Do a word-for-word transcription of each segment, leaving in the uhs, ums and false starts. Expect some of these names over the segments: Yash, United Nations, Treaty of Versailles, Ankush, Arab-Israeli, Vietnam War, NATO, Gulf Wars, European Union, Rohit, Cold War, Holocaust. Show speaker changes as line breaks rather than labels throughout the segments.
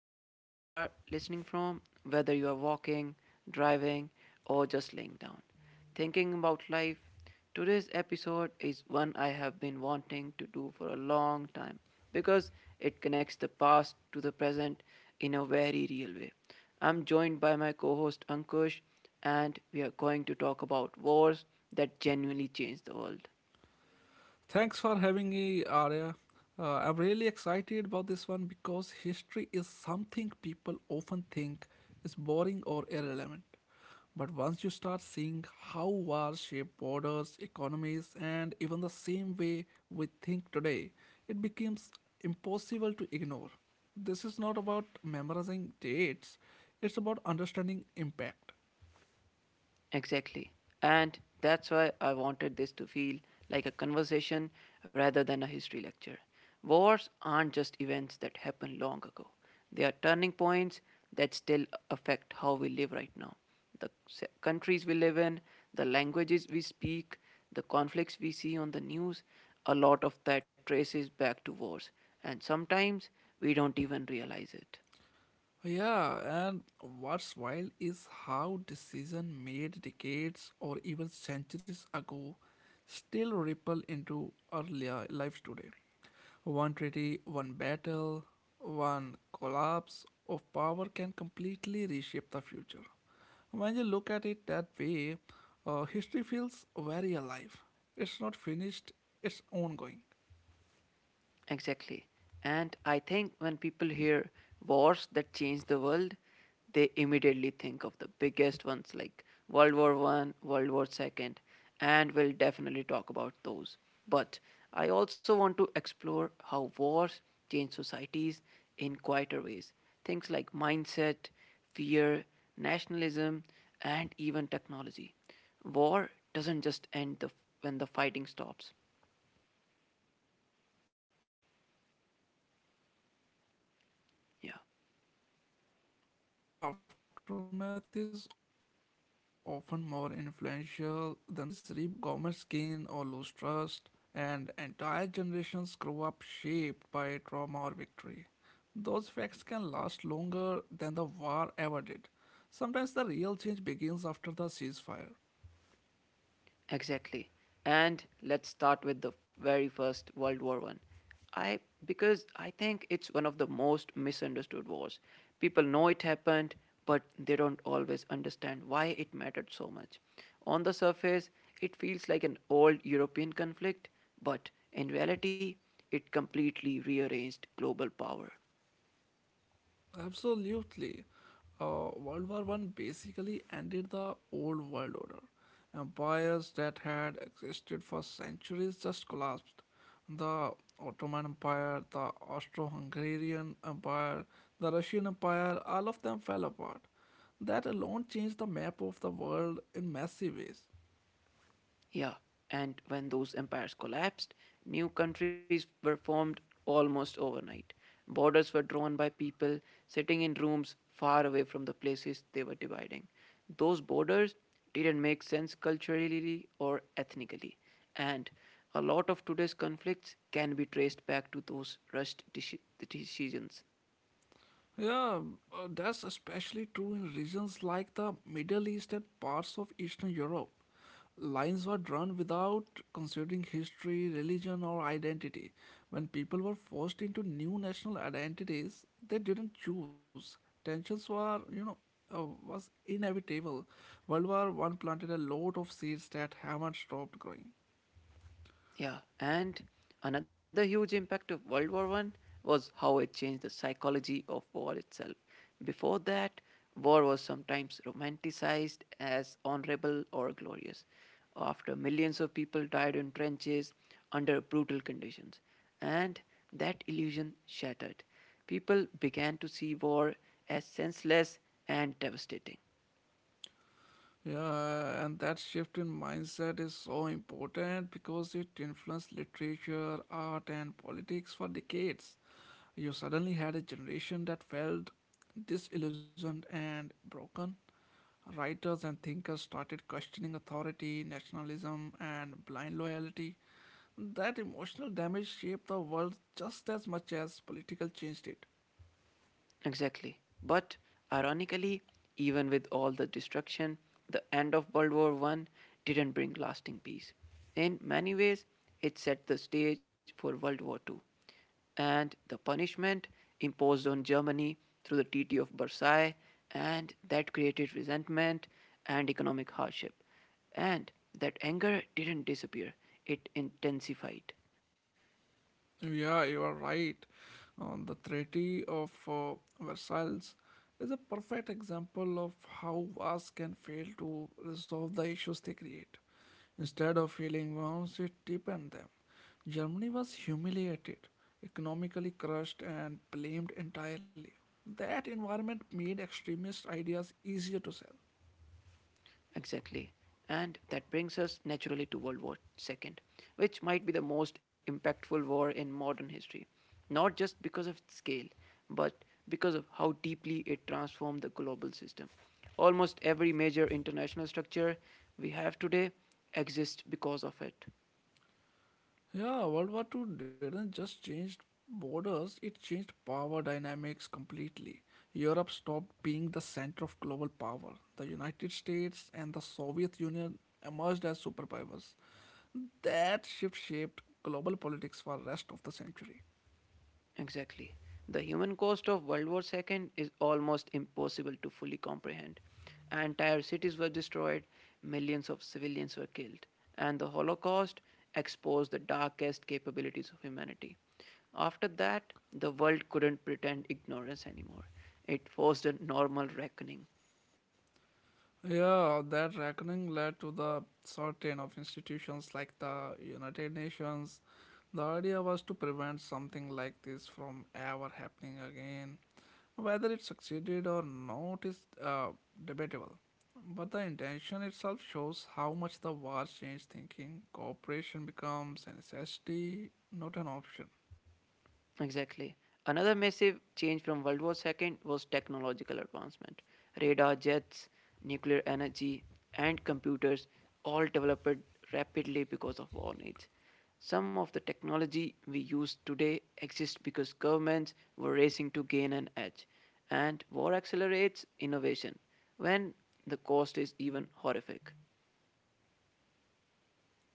Wherever you are listening from, whether you are walking, driving, or just laying down, thinking about life, today's episode is one I have been wanting to do for a long time because it connects the past to the present in a very real way. I'm joined by my co host Ankush, and we are going to talk about wars that genuinely changed the world.
Thanks for having me, Arya. Uh, I'm really excited about this one because history is something people often think is boring or irrelevant. But once you start seeing how wars shape borders, economies, and even the same way we think today, it becomes impossible to ignore. This is not about memorizing dates, it's about understanding impact.
Exactly. And that's why I wanted this to feel like a conversation rather than a history lecture. Wars aren't just events that happened long ago, they are turning points that still affect how we live right now. The se- countries we live in, the languages we speak, the conflicts we see on the news, a lot of that traces back to wars, and sometimes we don't even realize it.
Yeah, and what's wild is how decision made decades or even centuries ago still ripple into our li- lives today. One treaty, one battle, one collapse of power can completely reshape the future. When you look at it that way, uh, history feels very alive. It's not finished, it's ongoing.
Exactly. And I think when people hear wars that change the world, they immediately think of the biggest ones like World War One, World War Second, and we'll definitely talk about those. But I also want to explore how wars change societies in quieter ways. Things like mindset, fear, nationalism, and even technology. War doesn't just end the, when the fighting stops.
Yeah, that's such an important point because the aftermath is
Yeah.
often more influential than the war itself. Economies rebuild differently, uh, governments gain or lose trust, and entire generations grow up shaped by trauma or victory. Those facts can last longer than the war ever did. Sometimes the real change begins after the ceasefire.
Exactly. And let's start with the very first World War One. I Because I think it's one of the most misunderstood wars. People know it happened, but they don't always understand why it mattered so much. On the surface, it feels like an old European conflict, but in reality, it completely rearranged global power.
Absolutely. Uh, World War One basically ended the old world order. Empires that had existed for centuries just collapsed. The Ottoman Empire, the Austro Hungarian Empire, the Russian Empire, all of them fell apart. That alone changed the map of the world in massive ways.
Yeah, and when those empires collapsed, new countries were formed almost overnight. Borders were drawn by people sitting in rooms far away from the places they were dividing. Those borders didn't make sense culturally or ethnically, and a lot of today's conflicts can be traced back to those rushed deci- decisions.
Yeah, uh, that's especially true in regions like the Middle East and parts of Eastern Europe. Lines were drawn without considering history, religion, or identity. When people were forced into new national identities they didn't choose, tensions were, you know, uh, was inevitable. World War One planted a lot of seeds that haven't stopped growing.
Yeah, and another huge impact of World War One was how it changed the psychology of war itself. Before that, war was sometimes romanticized as honorable or glorious. After millions of people died in trenches under brutal conditions, and that illusion shattered. People began to see war as senseless and devastating.
Yeah, and that shift in mindset is so important because it influenced literature, art, and politics for decades. You suddenly had a generation that felt disillusioned and broken. Writers and thinkers started questioning authority, nationalism, and blind loyalty. That emotional damage shaped the world just as much as political change did.
Exactly. But ironically, even with all the destruction, the end of World War One didn't bring lasting peace. In many ways, it set the stage for World War Two, and the punishment imposed on Germany through the Treaty of Versailles, and that created resentment and economic hardship. And that anger didn't disappear, it intensified.
Yeah, you are right. Uh, the Treaty of uh, Versailles is a perfect example of how wars can fail to resolve the issues they create. Instead of healing wounds, it deepened them. Germany was humiliated, economically crushed, and blamed entirely. That environment made extremist ideas easier to sell.
Exactly. And that brings us naturally to World War World War Two, which might be the most impactful war in modern history, not just because of its scale, but because of how deeply it transformed the global system. Almost every major international structure we have today exists because of it.
Yeah, World War two didn't just change borders, it changed power dynamics completely. Europe stopped being the center of global power. The United States and the Soviet Union emerged as superpowers. That shift shaped global politics for the rest of the century.
Exactly. The human cost of World War World War Two is almost impossible to fully comprehend. Entire cities were destroyed, millions of civilians were killed, and the Holocaust exposed the darkest capabilities of humanity. After that, the world couldn't pretend ignorance anymore. It forced a normal reckoning.
Yeah, that reckoning led to the certain of institutions like the United Nations. The idea was to prevent something like this from ever happening again. Whether it succeeded or not is uh, debatable, but the intention itself shows how much the war changed thinking. Cooperation becomes a necessity, not an option.
Exactly. Another massive change from World War World War Two was technological advancement. Radar jets, nuclear energy, and computers all developed rapidly because of war needs. Some of the technology we use today exists because governments were racing to gain an edge, and war accelerates innovation when the cost is even horrific.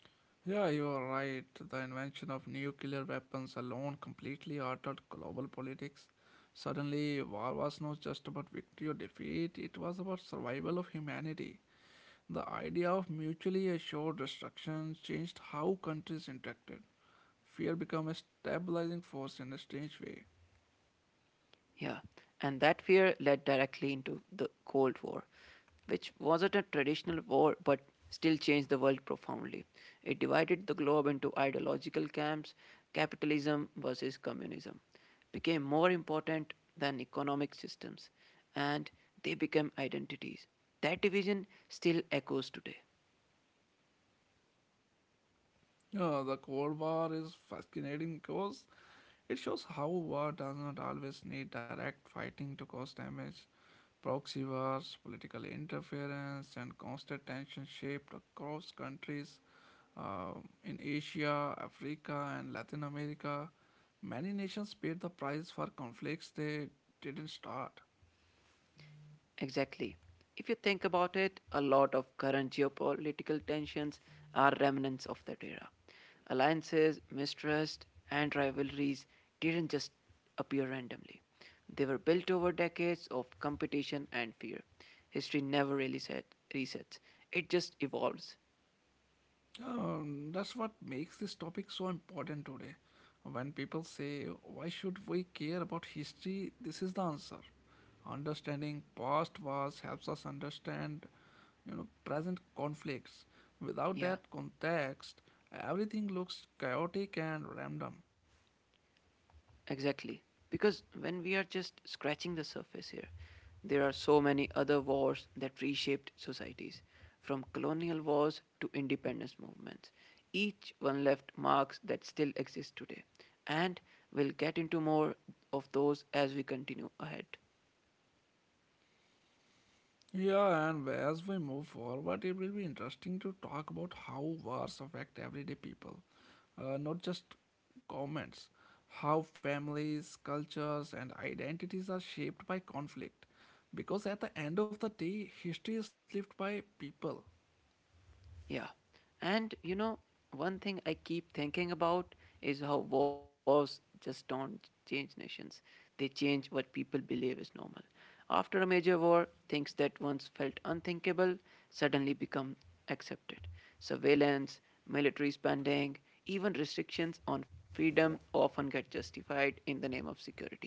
Yeah, you are right. The invention of nuclear weapons alone completely altered global politics. Suddenly, war was not just about victory or defeat, it was about survival of humanity. The idea of mutually assured destruction changed how countries interacted. Fear became a stabilizing force in a strange way.
Yeah, and that fear led directly into the Cold War, which wasn't a traditional war but still changed the world profoundly. It divided the globe into ideological camps capitalism versus communism became more important than economic systems, and they became identities. That division still echoes today.
Yeah, the Cold War is fascinating because it shows how war does not always need direct fighting to cause damage. Proxy wars, political interference, and constant tension shaped across countries um, in Asia, Africa, and Latin America. Many nations paid the price for conflicts they didn't start.
Exactly. If you think about it, a lot of current geopolitical tensions are remnants of that era. Alliances, mistrust, and rivalries didn't just appear randomly. They were built over decades of competition and fear. History never really set, resets, it just evolves.
Um, that's what makes this topic so important today. When people say, "Why should we care about history?" this is the answer. Understanding past wars helps us understand you know present conflicts. Without that
Yeah.
context, everything looks chaotic and random.
Exactly. Because when we are just scratching the surface here, there are so many other wars that reshaped societies, from colonial wars to independence movements. Each one left marks that still exist today. And we'll get into more of those as we continue ahead.
Yeah, and as we move forward, it will be interesting to talk about how wars affect everyday people, uh, not just governments. How families, cultures, and identities are shaped by conflict. Because at the end of the day, history is lived by people.
Yeah. And you know, one thing I keep thinking about is how wars just don't change nations. They change what people believe is normal. After a major war, things that once felt unthinkable suddenly become accepted. Surveillance, military spending, even restrictions on freedom often get justified in the name of security.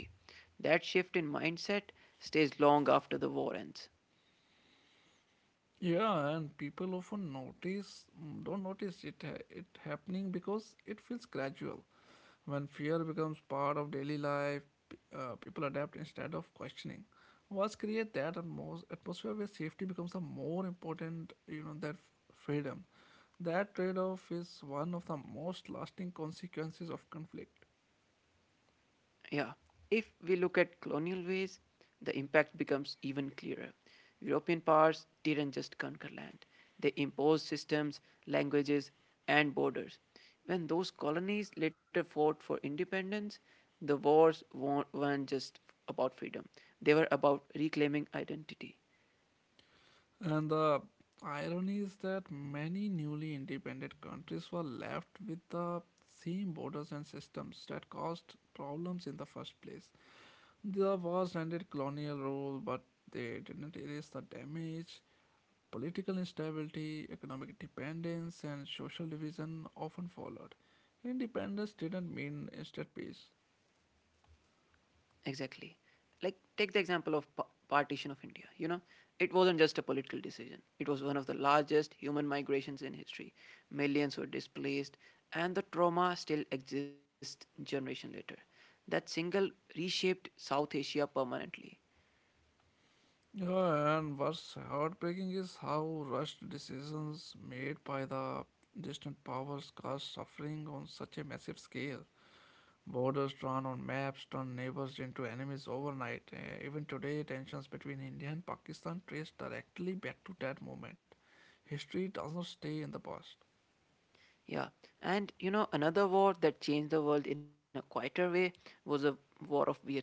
That shift in mindset stays long after the war ends.
Yeah, and people often notice mm, don't notice it ha- it happening because it feels gradual. When fear becomes part of daily life, p- uh, people adapt instead of questioning. Wars create that atmos- atmosphere where safety becomes a more important, you know, than f- freedom. That trade-off is one of the most lasting consequences of conflict.
Yeah. If we look at colonial ways, the impact becomes even clearer. European powers didn't just conquer land, they imposed systems, languages, and borders. When those colonies later fought for independence, the wars wa- weren't just about freedom, they were about reclaiming identity.
And the irony is that many newly independent countries were left with the same borders and systems that caused problems in the first place. The wars ended colonial rule, but they didn't erase the damage. Political instability, economic dependence, and social division often followed. Independence didn't mean instant peace.
Exactly. Like, take the example of pa- partition of India. You know, it wasn't just a political decision. It was one of the largest human migrations in history. Millions were displaced, and the trauma still exists generation later. That single reshaped South Asia permanently.
Yeah, and what's heartbreaking is how rushed decisions made by the distant powers cause suffering on such a massive scale. Borders drawn on maps turn neighbors into enemies overnight. Uh, even today, tensions between India and Pakistan trace directly back to that moment. History doesn't stay in the past.
Yeah, and you know, another war that changed the world in a quieter way was the War of Vietnam.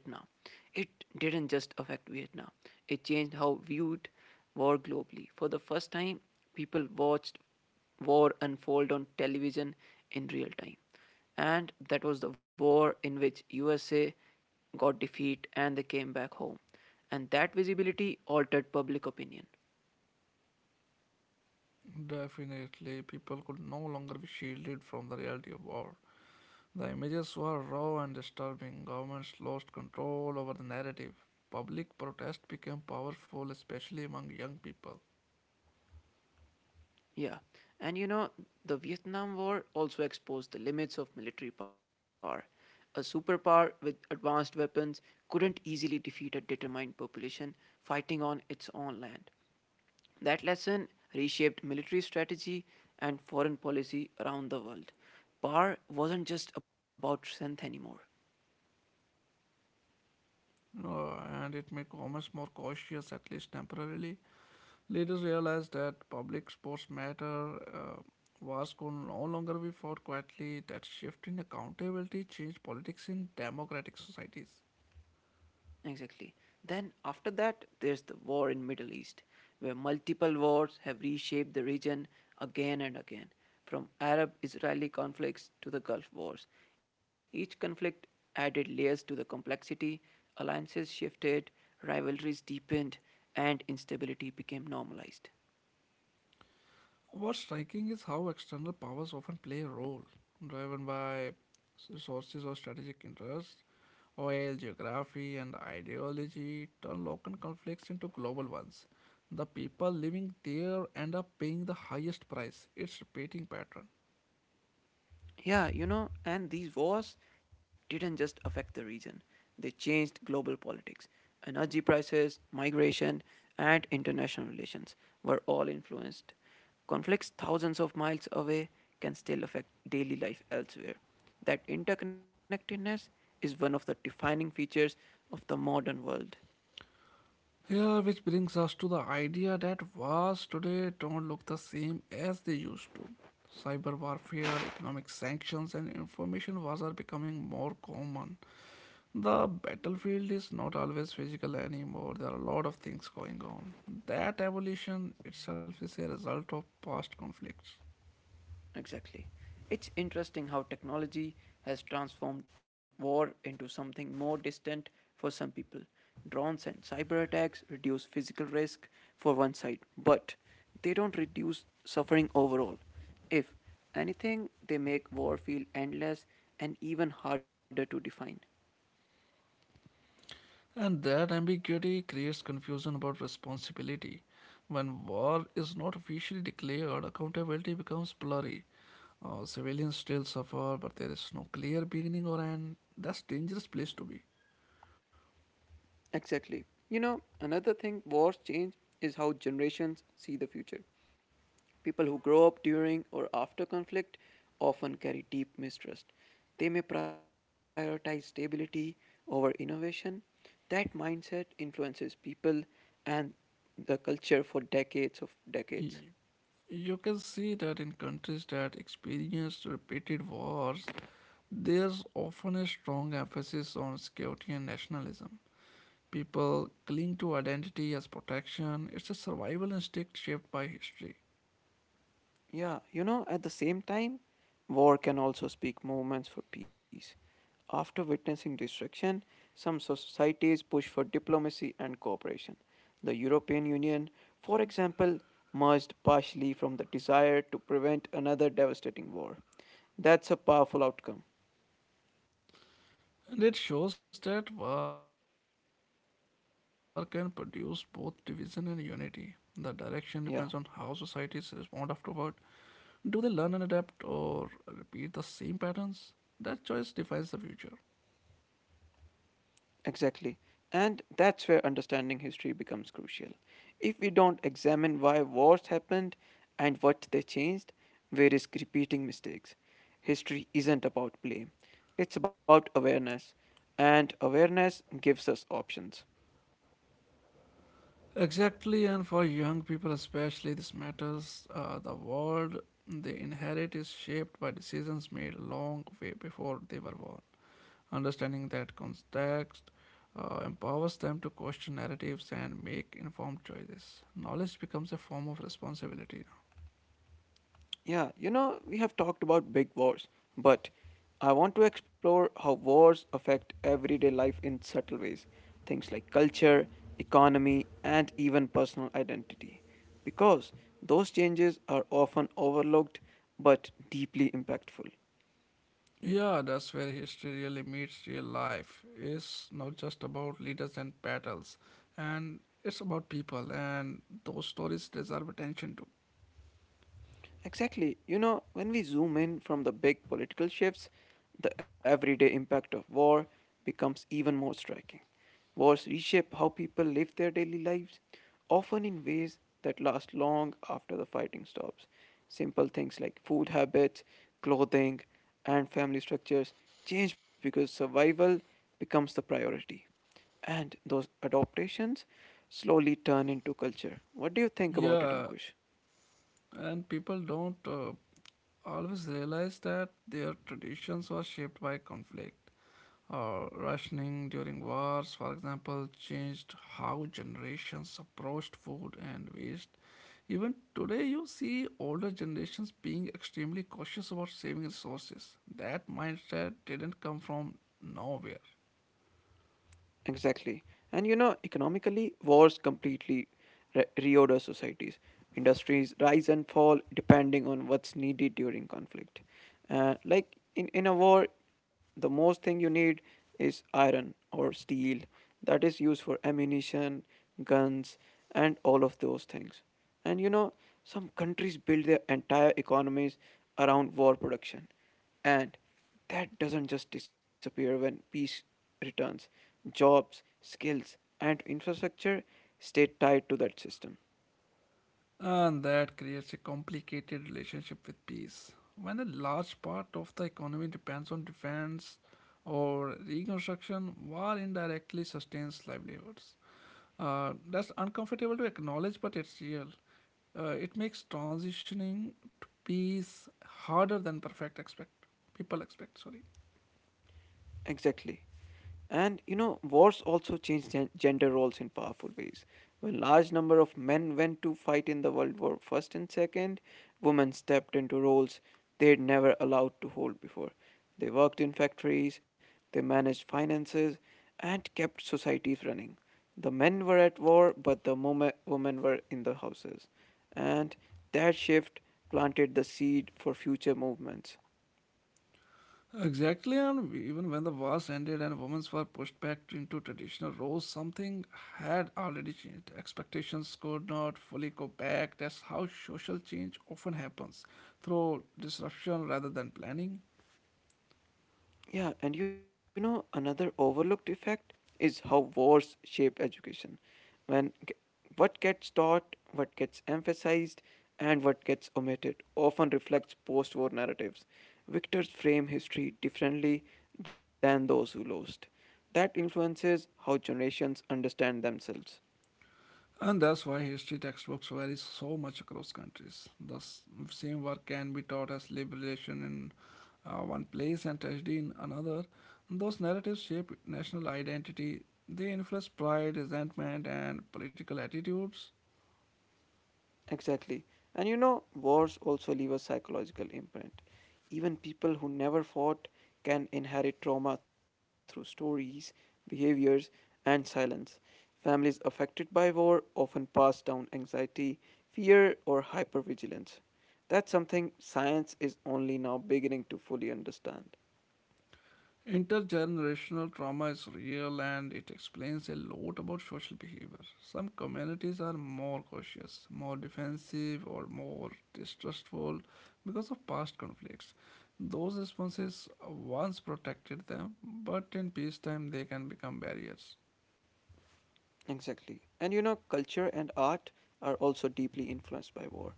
It didn't just affect Vietnam, it changed how viewed war globally. For the first time, people watched war unfold on television in real time. And that was the war in which U S A got defeat and they came back home. And that visibility altered public opinion.
Definitely, people could no longer be shielded from the reality of war. The images were raw and disturbing. Governments lost control over the narrative. Public protest became powerful, especially among young people.
Yeah. And you know, the Vietnam War also exposed the limits of military power. A superpower with advanced weapons couldn't easily defeat a determined population fighting on its own land. That lesson reshaped military strategy and foreign policy around the world. Power wasn't just about strength anymore.
No, and it made governments more cautious, at least temporarily. Leaders realized that public sports matter, uh, wars could no longer be fought quietly. That shift in accountability changed politics in democratic societies.
Exactly. Then after that, there's the war in Middle East, where multiple wars have reshaped the region again and again, from Arab-Israeli conflicts to the Gulf Wars. Each conflict added layers to the complexity, alliances shifted, rivalries deepened, and instability became normalized.
What's striking is how external powers often play a role, driven by resources or strategic interests. Oil, geography, and ideology turn local conflicts into global ones. The people living there end up paying the highest price. It's repeating pattern.
Yeah, you know, and these wars didn't just affect the region, they changed global politics. Energy prices, migration, and international relations were all influenced. Conflicts thousands of miles away can still affect daily life elsewhere. That interconnectedness is one of the defining features of the modern world.
Yeah, which brings us to the idea that wars today don't look the same as they used to. Cyber warfare, economic sanctions, and information wars are becoming more common. The battlefield is not always physical anymore. There are a lot of things going on. That evolution itself is a result of past conflicts.
Exactly. It's interesting how technology has transformed war into something more distant for some people. Drones and cyber attacks reduce physical risk for one side, but they don't reduce suffering overall. If anything, they make war feel endless and even harder to define.
And that ambiguity creates confusion about responsibility. When war is not officially declared, accountability becomes blurry. Uh, civilians still suffer, but there is no clear beginning or end. That's a dangerous place to be.
Exactly. You know, another thing wars change is how generations see the future. People who grow up during or after conflict often carry deep mistrust. They may prioritize stability over innovation. That mindset influences people and the culture for decades of decades.
You can see that in countries that experienced repeated wars, there's often a strong emphasis on security and nationalism. People cling to identity as protection. It's a survival instinct shaped by history.
Yeah, you know, at the same time, war can also speak movements for peace. After witnessing destruction, some societies push for diplomacy and cooperation. The European Union, for example, merged partially from the desire to prevent another devastating war. That's a powerful outcome.
And it shows that war can produce both division and unity. The direction depends on how societies respond
Yeah.
afterward. Do they learn and adapt or repeat the same patterns? That choice defines the future.
Exactly. And that's where understanding history becomes crucial. If we don't examine why wars happened and what they changed, we risk repeating mistakes. History isn't about blame, it's about awareness, and awareness gives us options.
Exactly, and for young people especially, this matters. Uh, the world they inherit is shaped by decisions made long way before they were born. Understanding that context uh, empowers them to question narratives and make informed choices. Knowledge becomes a form of responsibility now.
Yeah, you know, we have talked about big wars, but I want to explore how wars affect everyday life in subtle ways. Things like culture, economy, and even personal identity. Because those changes are often overlooked but deeply impactful.
Yeah, that's where history really meets real life. It's not just about leaders and battles, and it's about people, and those stories deserve attention too.
Exactly. You know, when we zoom in from the big political shifts, the everyday impact of war becomes even more striking. Wars reshape how people live their daily lives, often in ways that last long after the fighting stops. Simple things like food habits, clothing, and family structures change because survival becomes the priority. And those adaptations slowly turn into culture. What do you think about it,
Yeah,
Ankush?
and people don't uh, always realize that their traditions were shaped by conflict. Uh, rationing during wars, for example, changed how generations approached food and waste. Even today, you see older generations being extremely cautious about saving resources. That mindset didn't come from nowhere.
Exactly. And you know, economically, wars completely re- reorder societies. Industries rise and fall depending on what's needed during conflict. Uh, like in, in a war, the most thing you need is iron or steel that is used for ammunition, guns, and all of those things. And you know, some countries build their entire economies around war production. And that doesn't just disappear when peace returns. Jobs, skills, and infrastructure stay tied to that system.
And that creates a complicated relationship with peace. When a large part of the economy depends on defense or reconstruction, war indirectly sustains livelihoods. Uh, that's uncomfortable to acknowledge, but it's real. Uh, it makes transitioning to peace harder than perfect expect people expect. Sorry.
Exactly. And you know, wars also changed gen- gender roles in powerful ways. When large number of men went to fight in the World War First and Second, women stepped into roles they'd never allowed to hold before. They worked in factories, they managed finances, and kept societies running. The men were at war, but the mome- women were in the houses, and that shift planted the seed for future movements.
Exactly, and even when the wars ended and women were pushed back into traditional roles, something had already changed. Expectations could not fully go back. That's how social change often happens through disruption rather than planning.
Yeah, and you know, another overlooked effect is how wars shape education. When g- what gets taught, what gets emphasized, and what gets omitted often reflects post war narratives. Victors frame history differently than those who lost. That influences how generations understand themselves.
And that's why history textbooks vary so much across countries. The s- same work can be taught as liberation in uh, one place and tragedy in another. Those narratives shape national identity. They influence pride, resentment, and political attitudes.
Exactly. And you know, wars also leave a psychological imprint. Even people who never fought can inherit trauma through stories, behaviors, and silence. Families affected by war often pass down anxiety, fear, or hypervigilance. That's something science is only now beginning to fully understand.
Intergenerational trauma is real and it explains a lot about social behavior. Some communities are more cautious, more defensive, or more distrustful because of past conflicts. Those responses once protected them, but in peacetime they can become barriers.
Exactly. And you know, culture and art are also deeply influenced by war.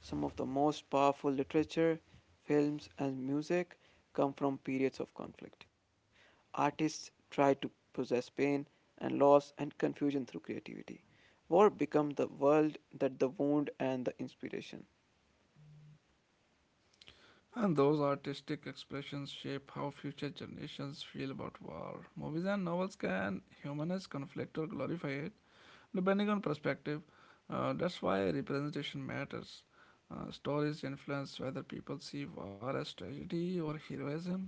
Some of the most powerful literature, films, and music come from periods of conflict. Artists try to possess pain and loss and confusion through creativity. War become the world that the wound and the inspiration.
And those artistic expressions shape how future generations feel about war. Movies and novels can humanize conflict or glorify it, depending on perspective. uh, that's why representation matters. Uh, stories influence whether people see war as tragedy or heroism.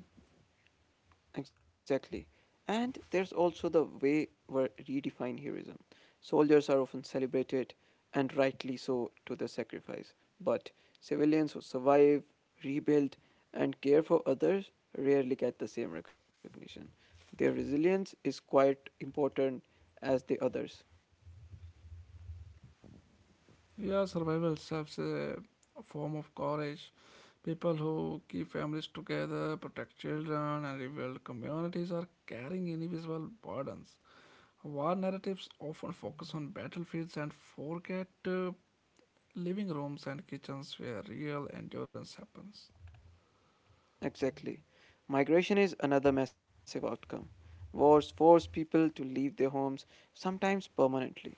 Exactly. And there's also the way we redefine heroism. Soldiers are often celebrated, and rightly so, to their sacrifice. But civilians who survive, rebuild, and care for others rarely get the same recognition. Their resilience is quite important as the others.
Yeah, survival serves a form of courage. People who keep families together, protect children, and rebuild communities are carrying invisible burdens. War narratives often focus on battlefields and forget uh, living rooms and kitchens where real endurance happens.
Exactly. Migration is another massive outcome. Wars force people to leave their homes, sometimes permanently.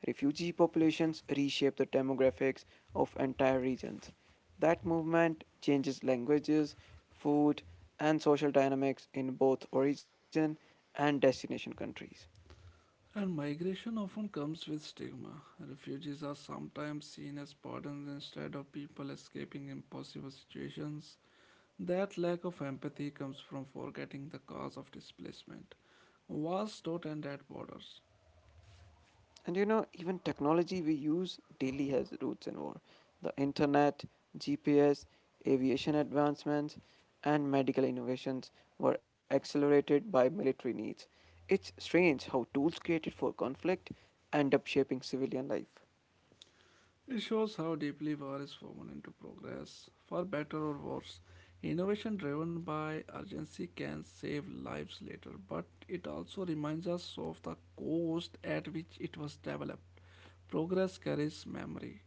Refugee populations reshape the demographics of entire regions. That movement changes languages, food, and social dynamics in both origin and destination countries.
And migration often comes with stigma. Refugees are sometimes seen as pardons instead of people escaping impossible situations. That lack of empathy comes from forgetting the cause of displacement. Wars don't end at borders.
And you know, even technology we use daily has roots in war. The internet, G P S, aviation advancements, and medical innovations were accelerated by military needs. It's strange how tools created for conflict end up shaping civilian life.
It shows how deeply war is woven into progress. For better or worse, innovation driven by urgency can save lives later, but it also reminds us of the cost at which it was developed. Progress carries memory.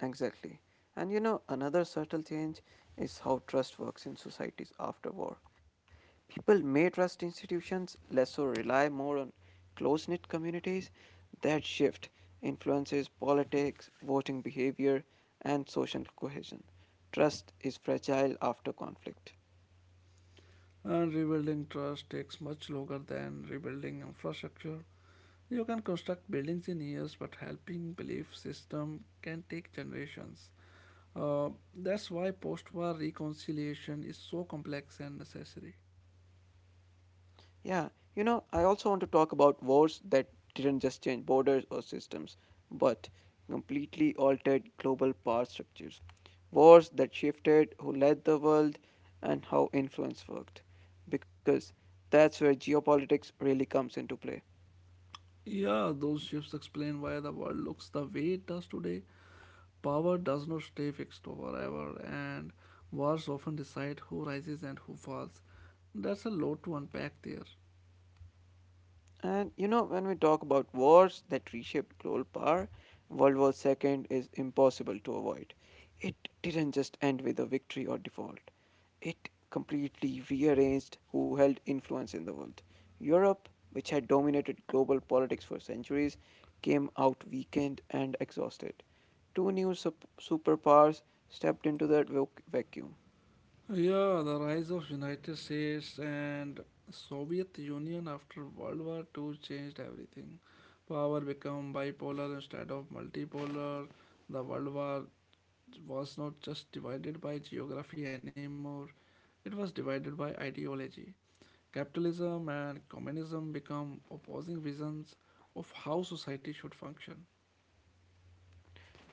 Exactly. And you know, another subtle change is how trust works in societies after war. People may trust institutions, less or rely more on close knit communities. That shift influences politics, voting behavior, and social cohesion. Trust is fragile after conflict.
And rebuilding trust takes much longer than rebuilding infrastructure. You can construct buildings in years, but helping belief system can take generations. Uh, that's why post-war reconciliation is so complex and necessary.
Yeah, you know, I also want to talk about wars that didn't just change borders or systems, but completely altered global power structures. Wars that shifted who led the world and how influence worked. Because that's where geopolitics really comes into play.
Yeah, those shifts explain why the world looks the way it does today. Power does not stay fixed forever, and wars often decide who rises and who falls. That's a lot to unpack there.
And you know, when we talk about wars that reshaped global power, World War Two is impossible to avoid. It didn't just end with a victory or default, it completely rearranged who held influence in the world. Europe, which had dominated global politics for centuries, came out weakened and exhausted. Two new sup- superpowers stepped into that vac- vacuum.
Yeah, the rise of United States and Soviet Union after World War two changed everything. Power became bipolar instead of multipolar. The World War was not just divided by geography anymore. It was divided by ideology. Capitalism and communism become opposing visions of how society should function.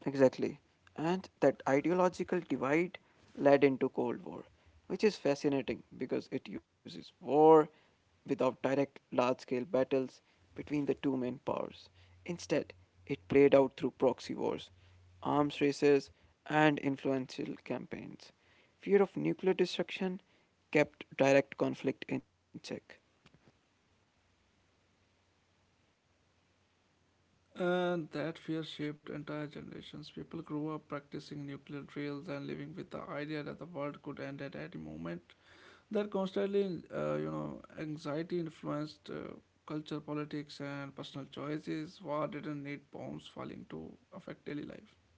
Exactly. And that ideological divide led into Cold War, which is fascinating because it uses war without direct large-scale battles between the two main powers. Instead, it played out through proxy wars, arms races, and influential campaigns. Fear of nuclear destruction kept direct conflict in check.
And that fear shaped entire generations. People grew up practicing nuclear drills and living with the idea that the world could end at any moment. That constantly, uh, you know, anxiety influenced uh, culture, politics, and personal choices. War didn't need bombs falling to affect daily life.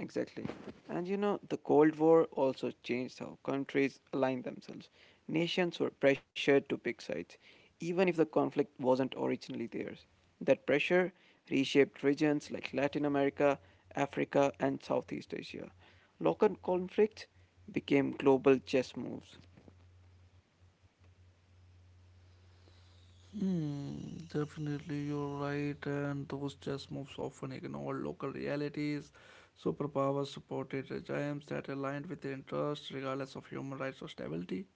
Exactly. And you know, the Cold War also changed how countries aligned themselves. Nations were pressured to pick sides, even if the conflict wasn't originally theirs. That pressure reshaped regions like Latin America, Africa, and Southeast Asia. Local conflicts became global chess moves.
Hmm, definitely, you're right. And those chess moves often ignore local realities. Superpowers supported regimes that aligned with their interests, regardless of human rights or stability.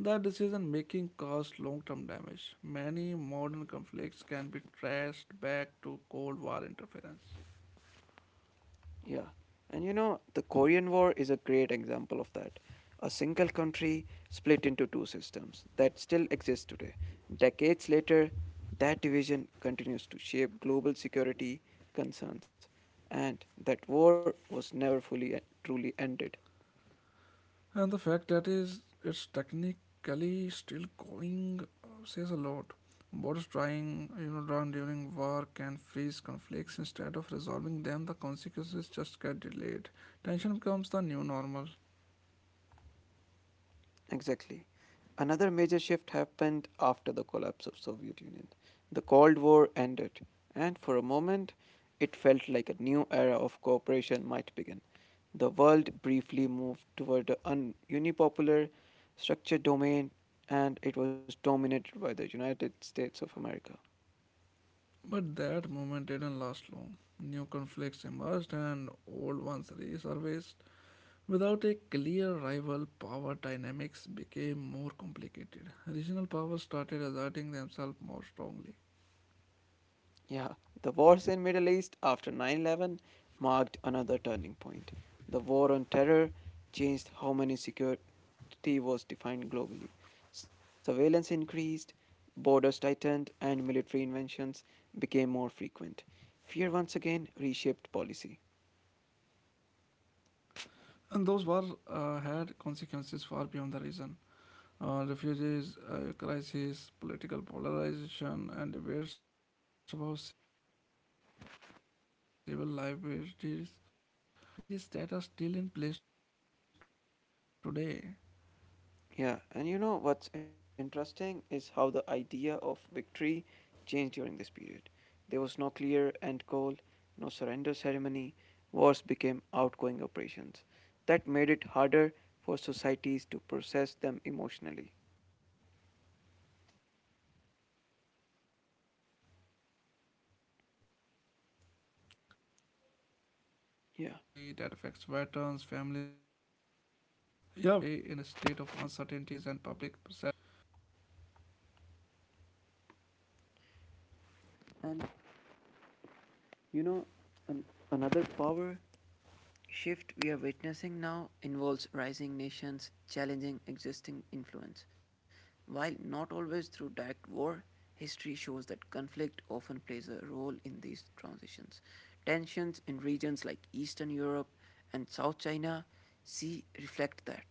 That decision making caused long term damage. Many modern conflicts can be traced back to Cold War interference.
Yeah. And you know, the Korean War is a great example of that. A single country split into two systems that still exist today. Decades later, that division continues to shape global security concerns, and that war was never fully e- truly ended.
And the fact that is it's technically still going, uh, says a lot. Borders drawing, you know, drawn during war can freeze conflicts instead of resolving them. The consequences just get delayed. Tension becomes the new normal.
Exactly. Another major shift happened after the collapse of Soviet Union. The Cold War ended, and for a moment, it felt like a new era of cooperation might begin. The world briefly moved toward a un- unipopular structured domain, and it was dominated by the United States of America.
But that moment didn't last long. New conflicts emerged and old ones resurfaced. Without a clear rival, power dynamics became more complicated. Regional powers started asserting themselves more strongly,
Yeah, the wars in Middle East after nine eleven marked another turning point. The war on terror changed how money security was defined globally. Surveillance increased, borders tightened, and military inventions became more frequent. Fear once again reshaped policy.
and those wars uh, had consequences far beyond the region. Uh, refugees uh, crisis, political polarization, and debates about civil liberties spread worldwide. Security became a justification for many changes that are still in place today.
Yeah, and you know what's interesting is how the idea of victory changed during this period. There was no clear end goal, no surrender ceremony, wars became outgoing operations. That made it harder for societies to process them emotionally.
Yeah, without clear endings, there's no closure. People stay in a state of uncertainty that affects
Yeah.
veterans, families, and public perception. War becomes background noise instead of a defined event.
And you know, an, another power shift we are witnessing now involves rising nations challenging existing influence. While not always through direct war, history shows that conflict often plays a role in these transitions. Tensions in regions like Eastern Europe and South China Sea reflect that.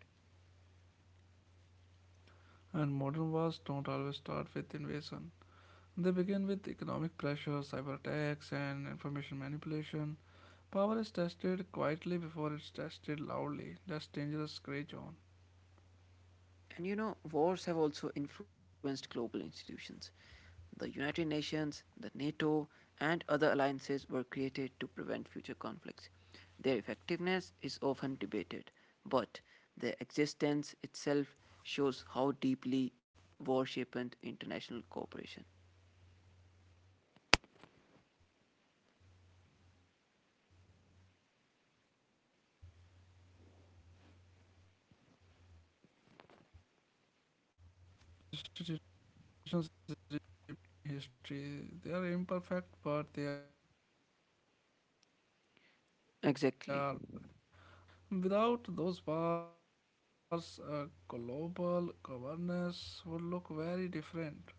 And modern wars don't always start with invasion. They begin with economic pressure, cyber attacks, and information manipulation. Power is tested quietly before it's tested loudly. That's dangerous gray zone.
And you know, wars have also influenced global institutions. The United Nations, the NATO, and other alliances were created to prevent future conflicts. Their effectiveness is often debated, but their existence itself shows how deeply war shaped international cooperation.
Yeah, those institutions represent an attempt to learn from history. They are imperfect, but they are a response to the scale of destruction the
Exactly.
world witnessed. Without those bars, uh, global governance would look very different.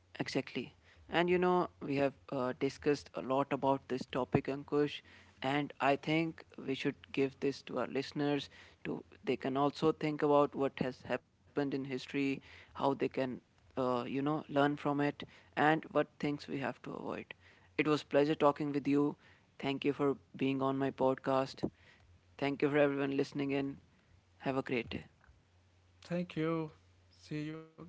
Exactly. And you know, we have uh, discussed a lot about this topic, Ankush. And I think we should give this to our listeners to they can also think about what has happened in history, how they can, uh, you know, learn from it, and what things we have to avoid. It was pleasure talking with you. Thank you for being on my podcast. Thank you for everyone listening in. Have a great day.
Thank you. See you again.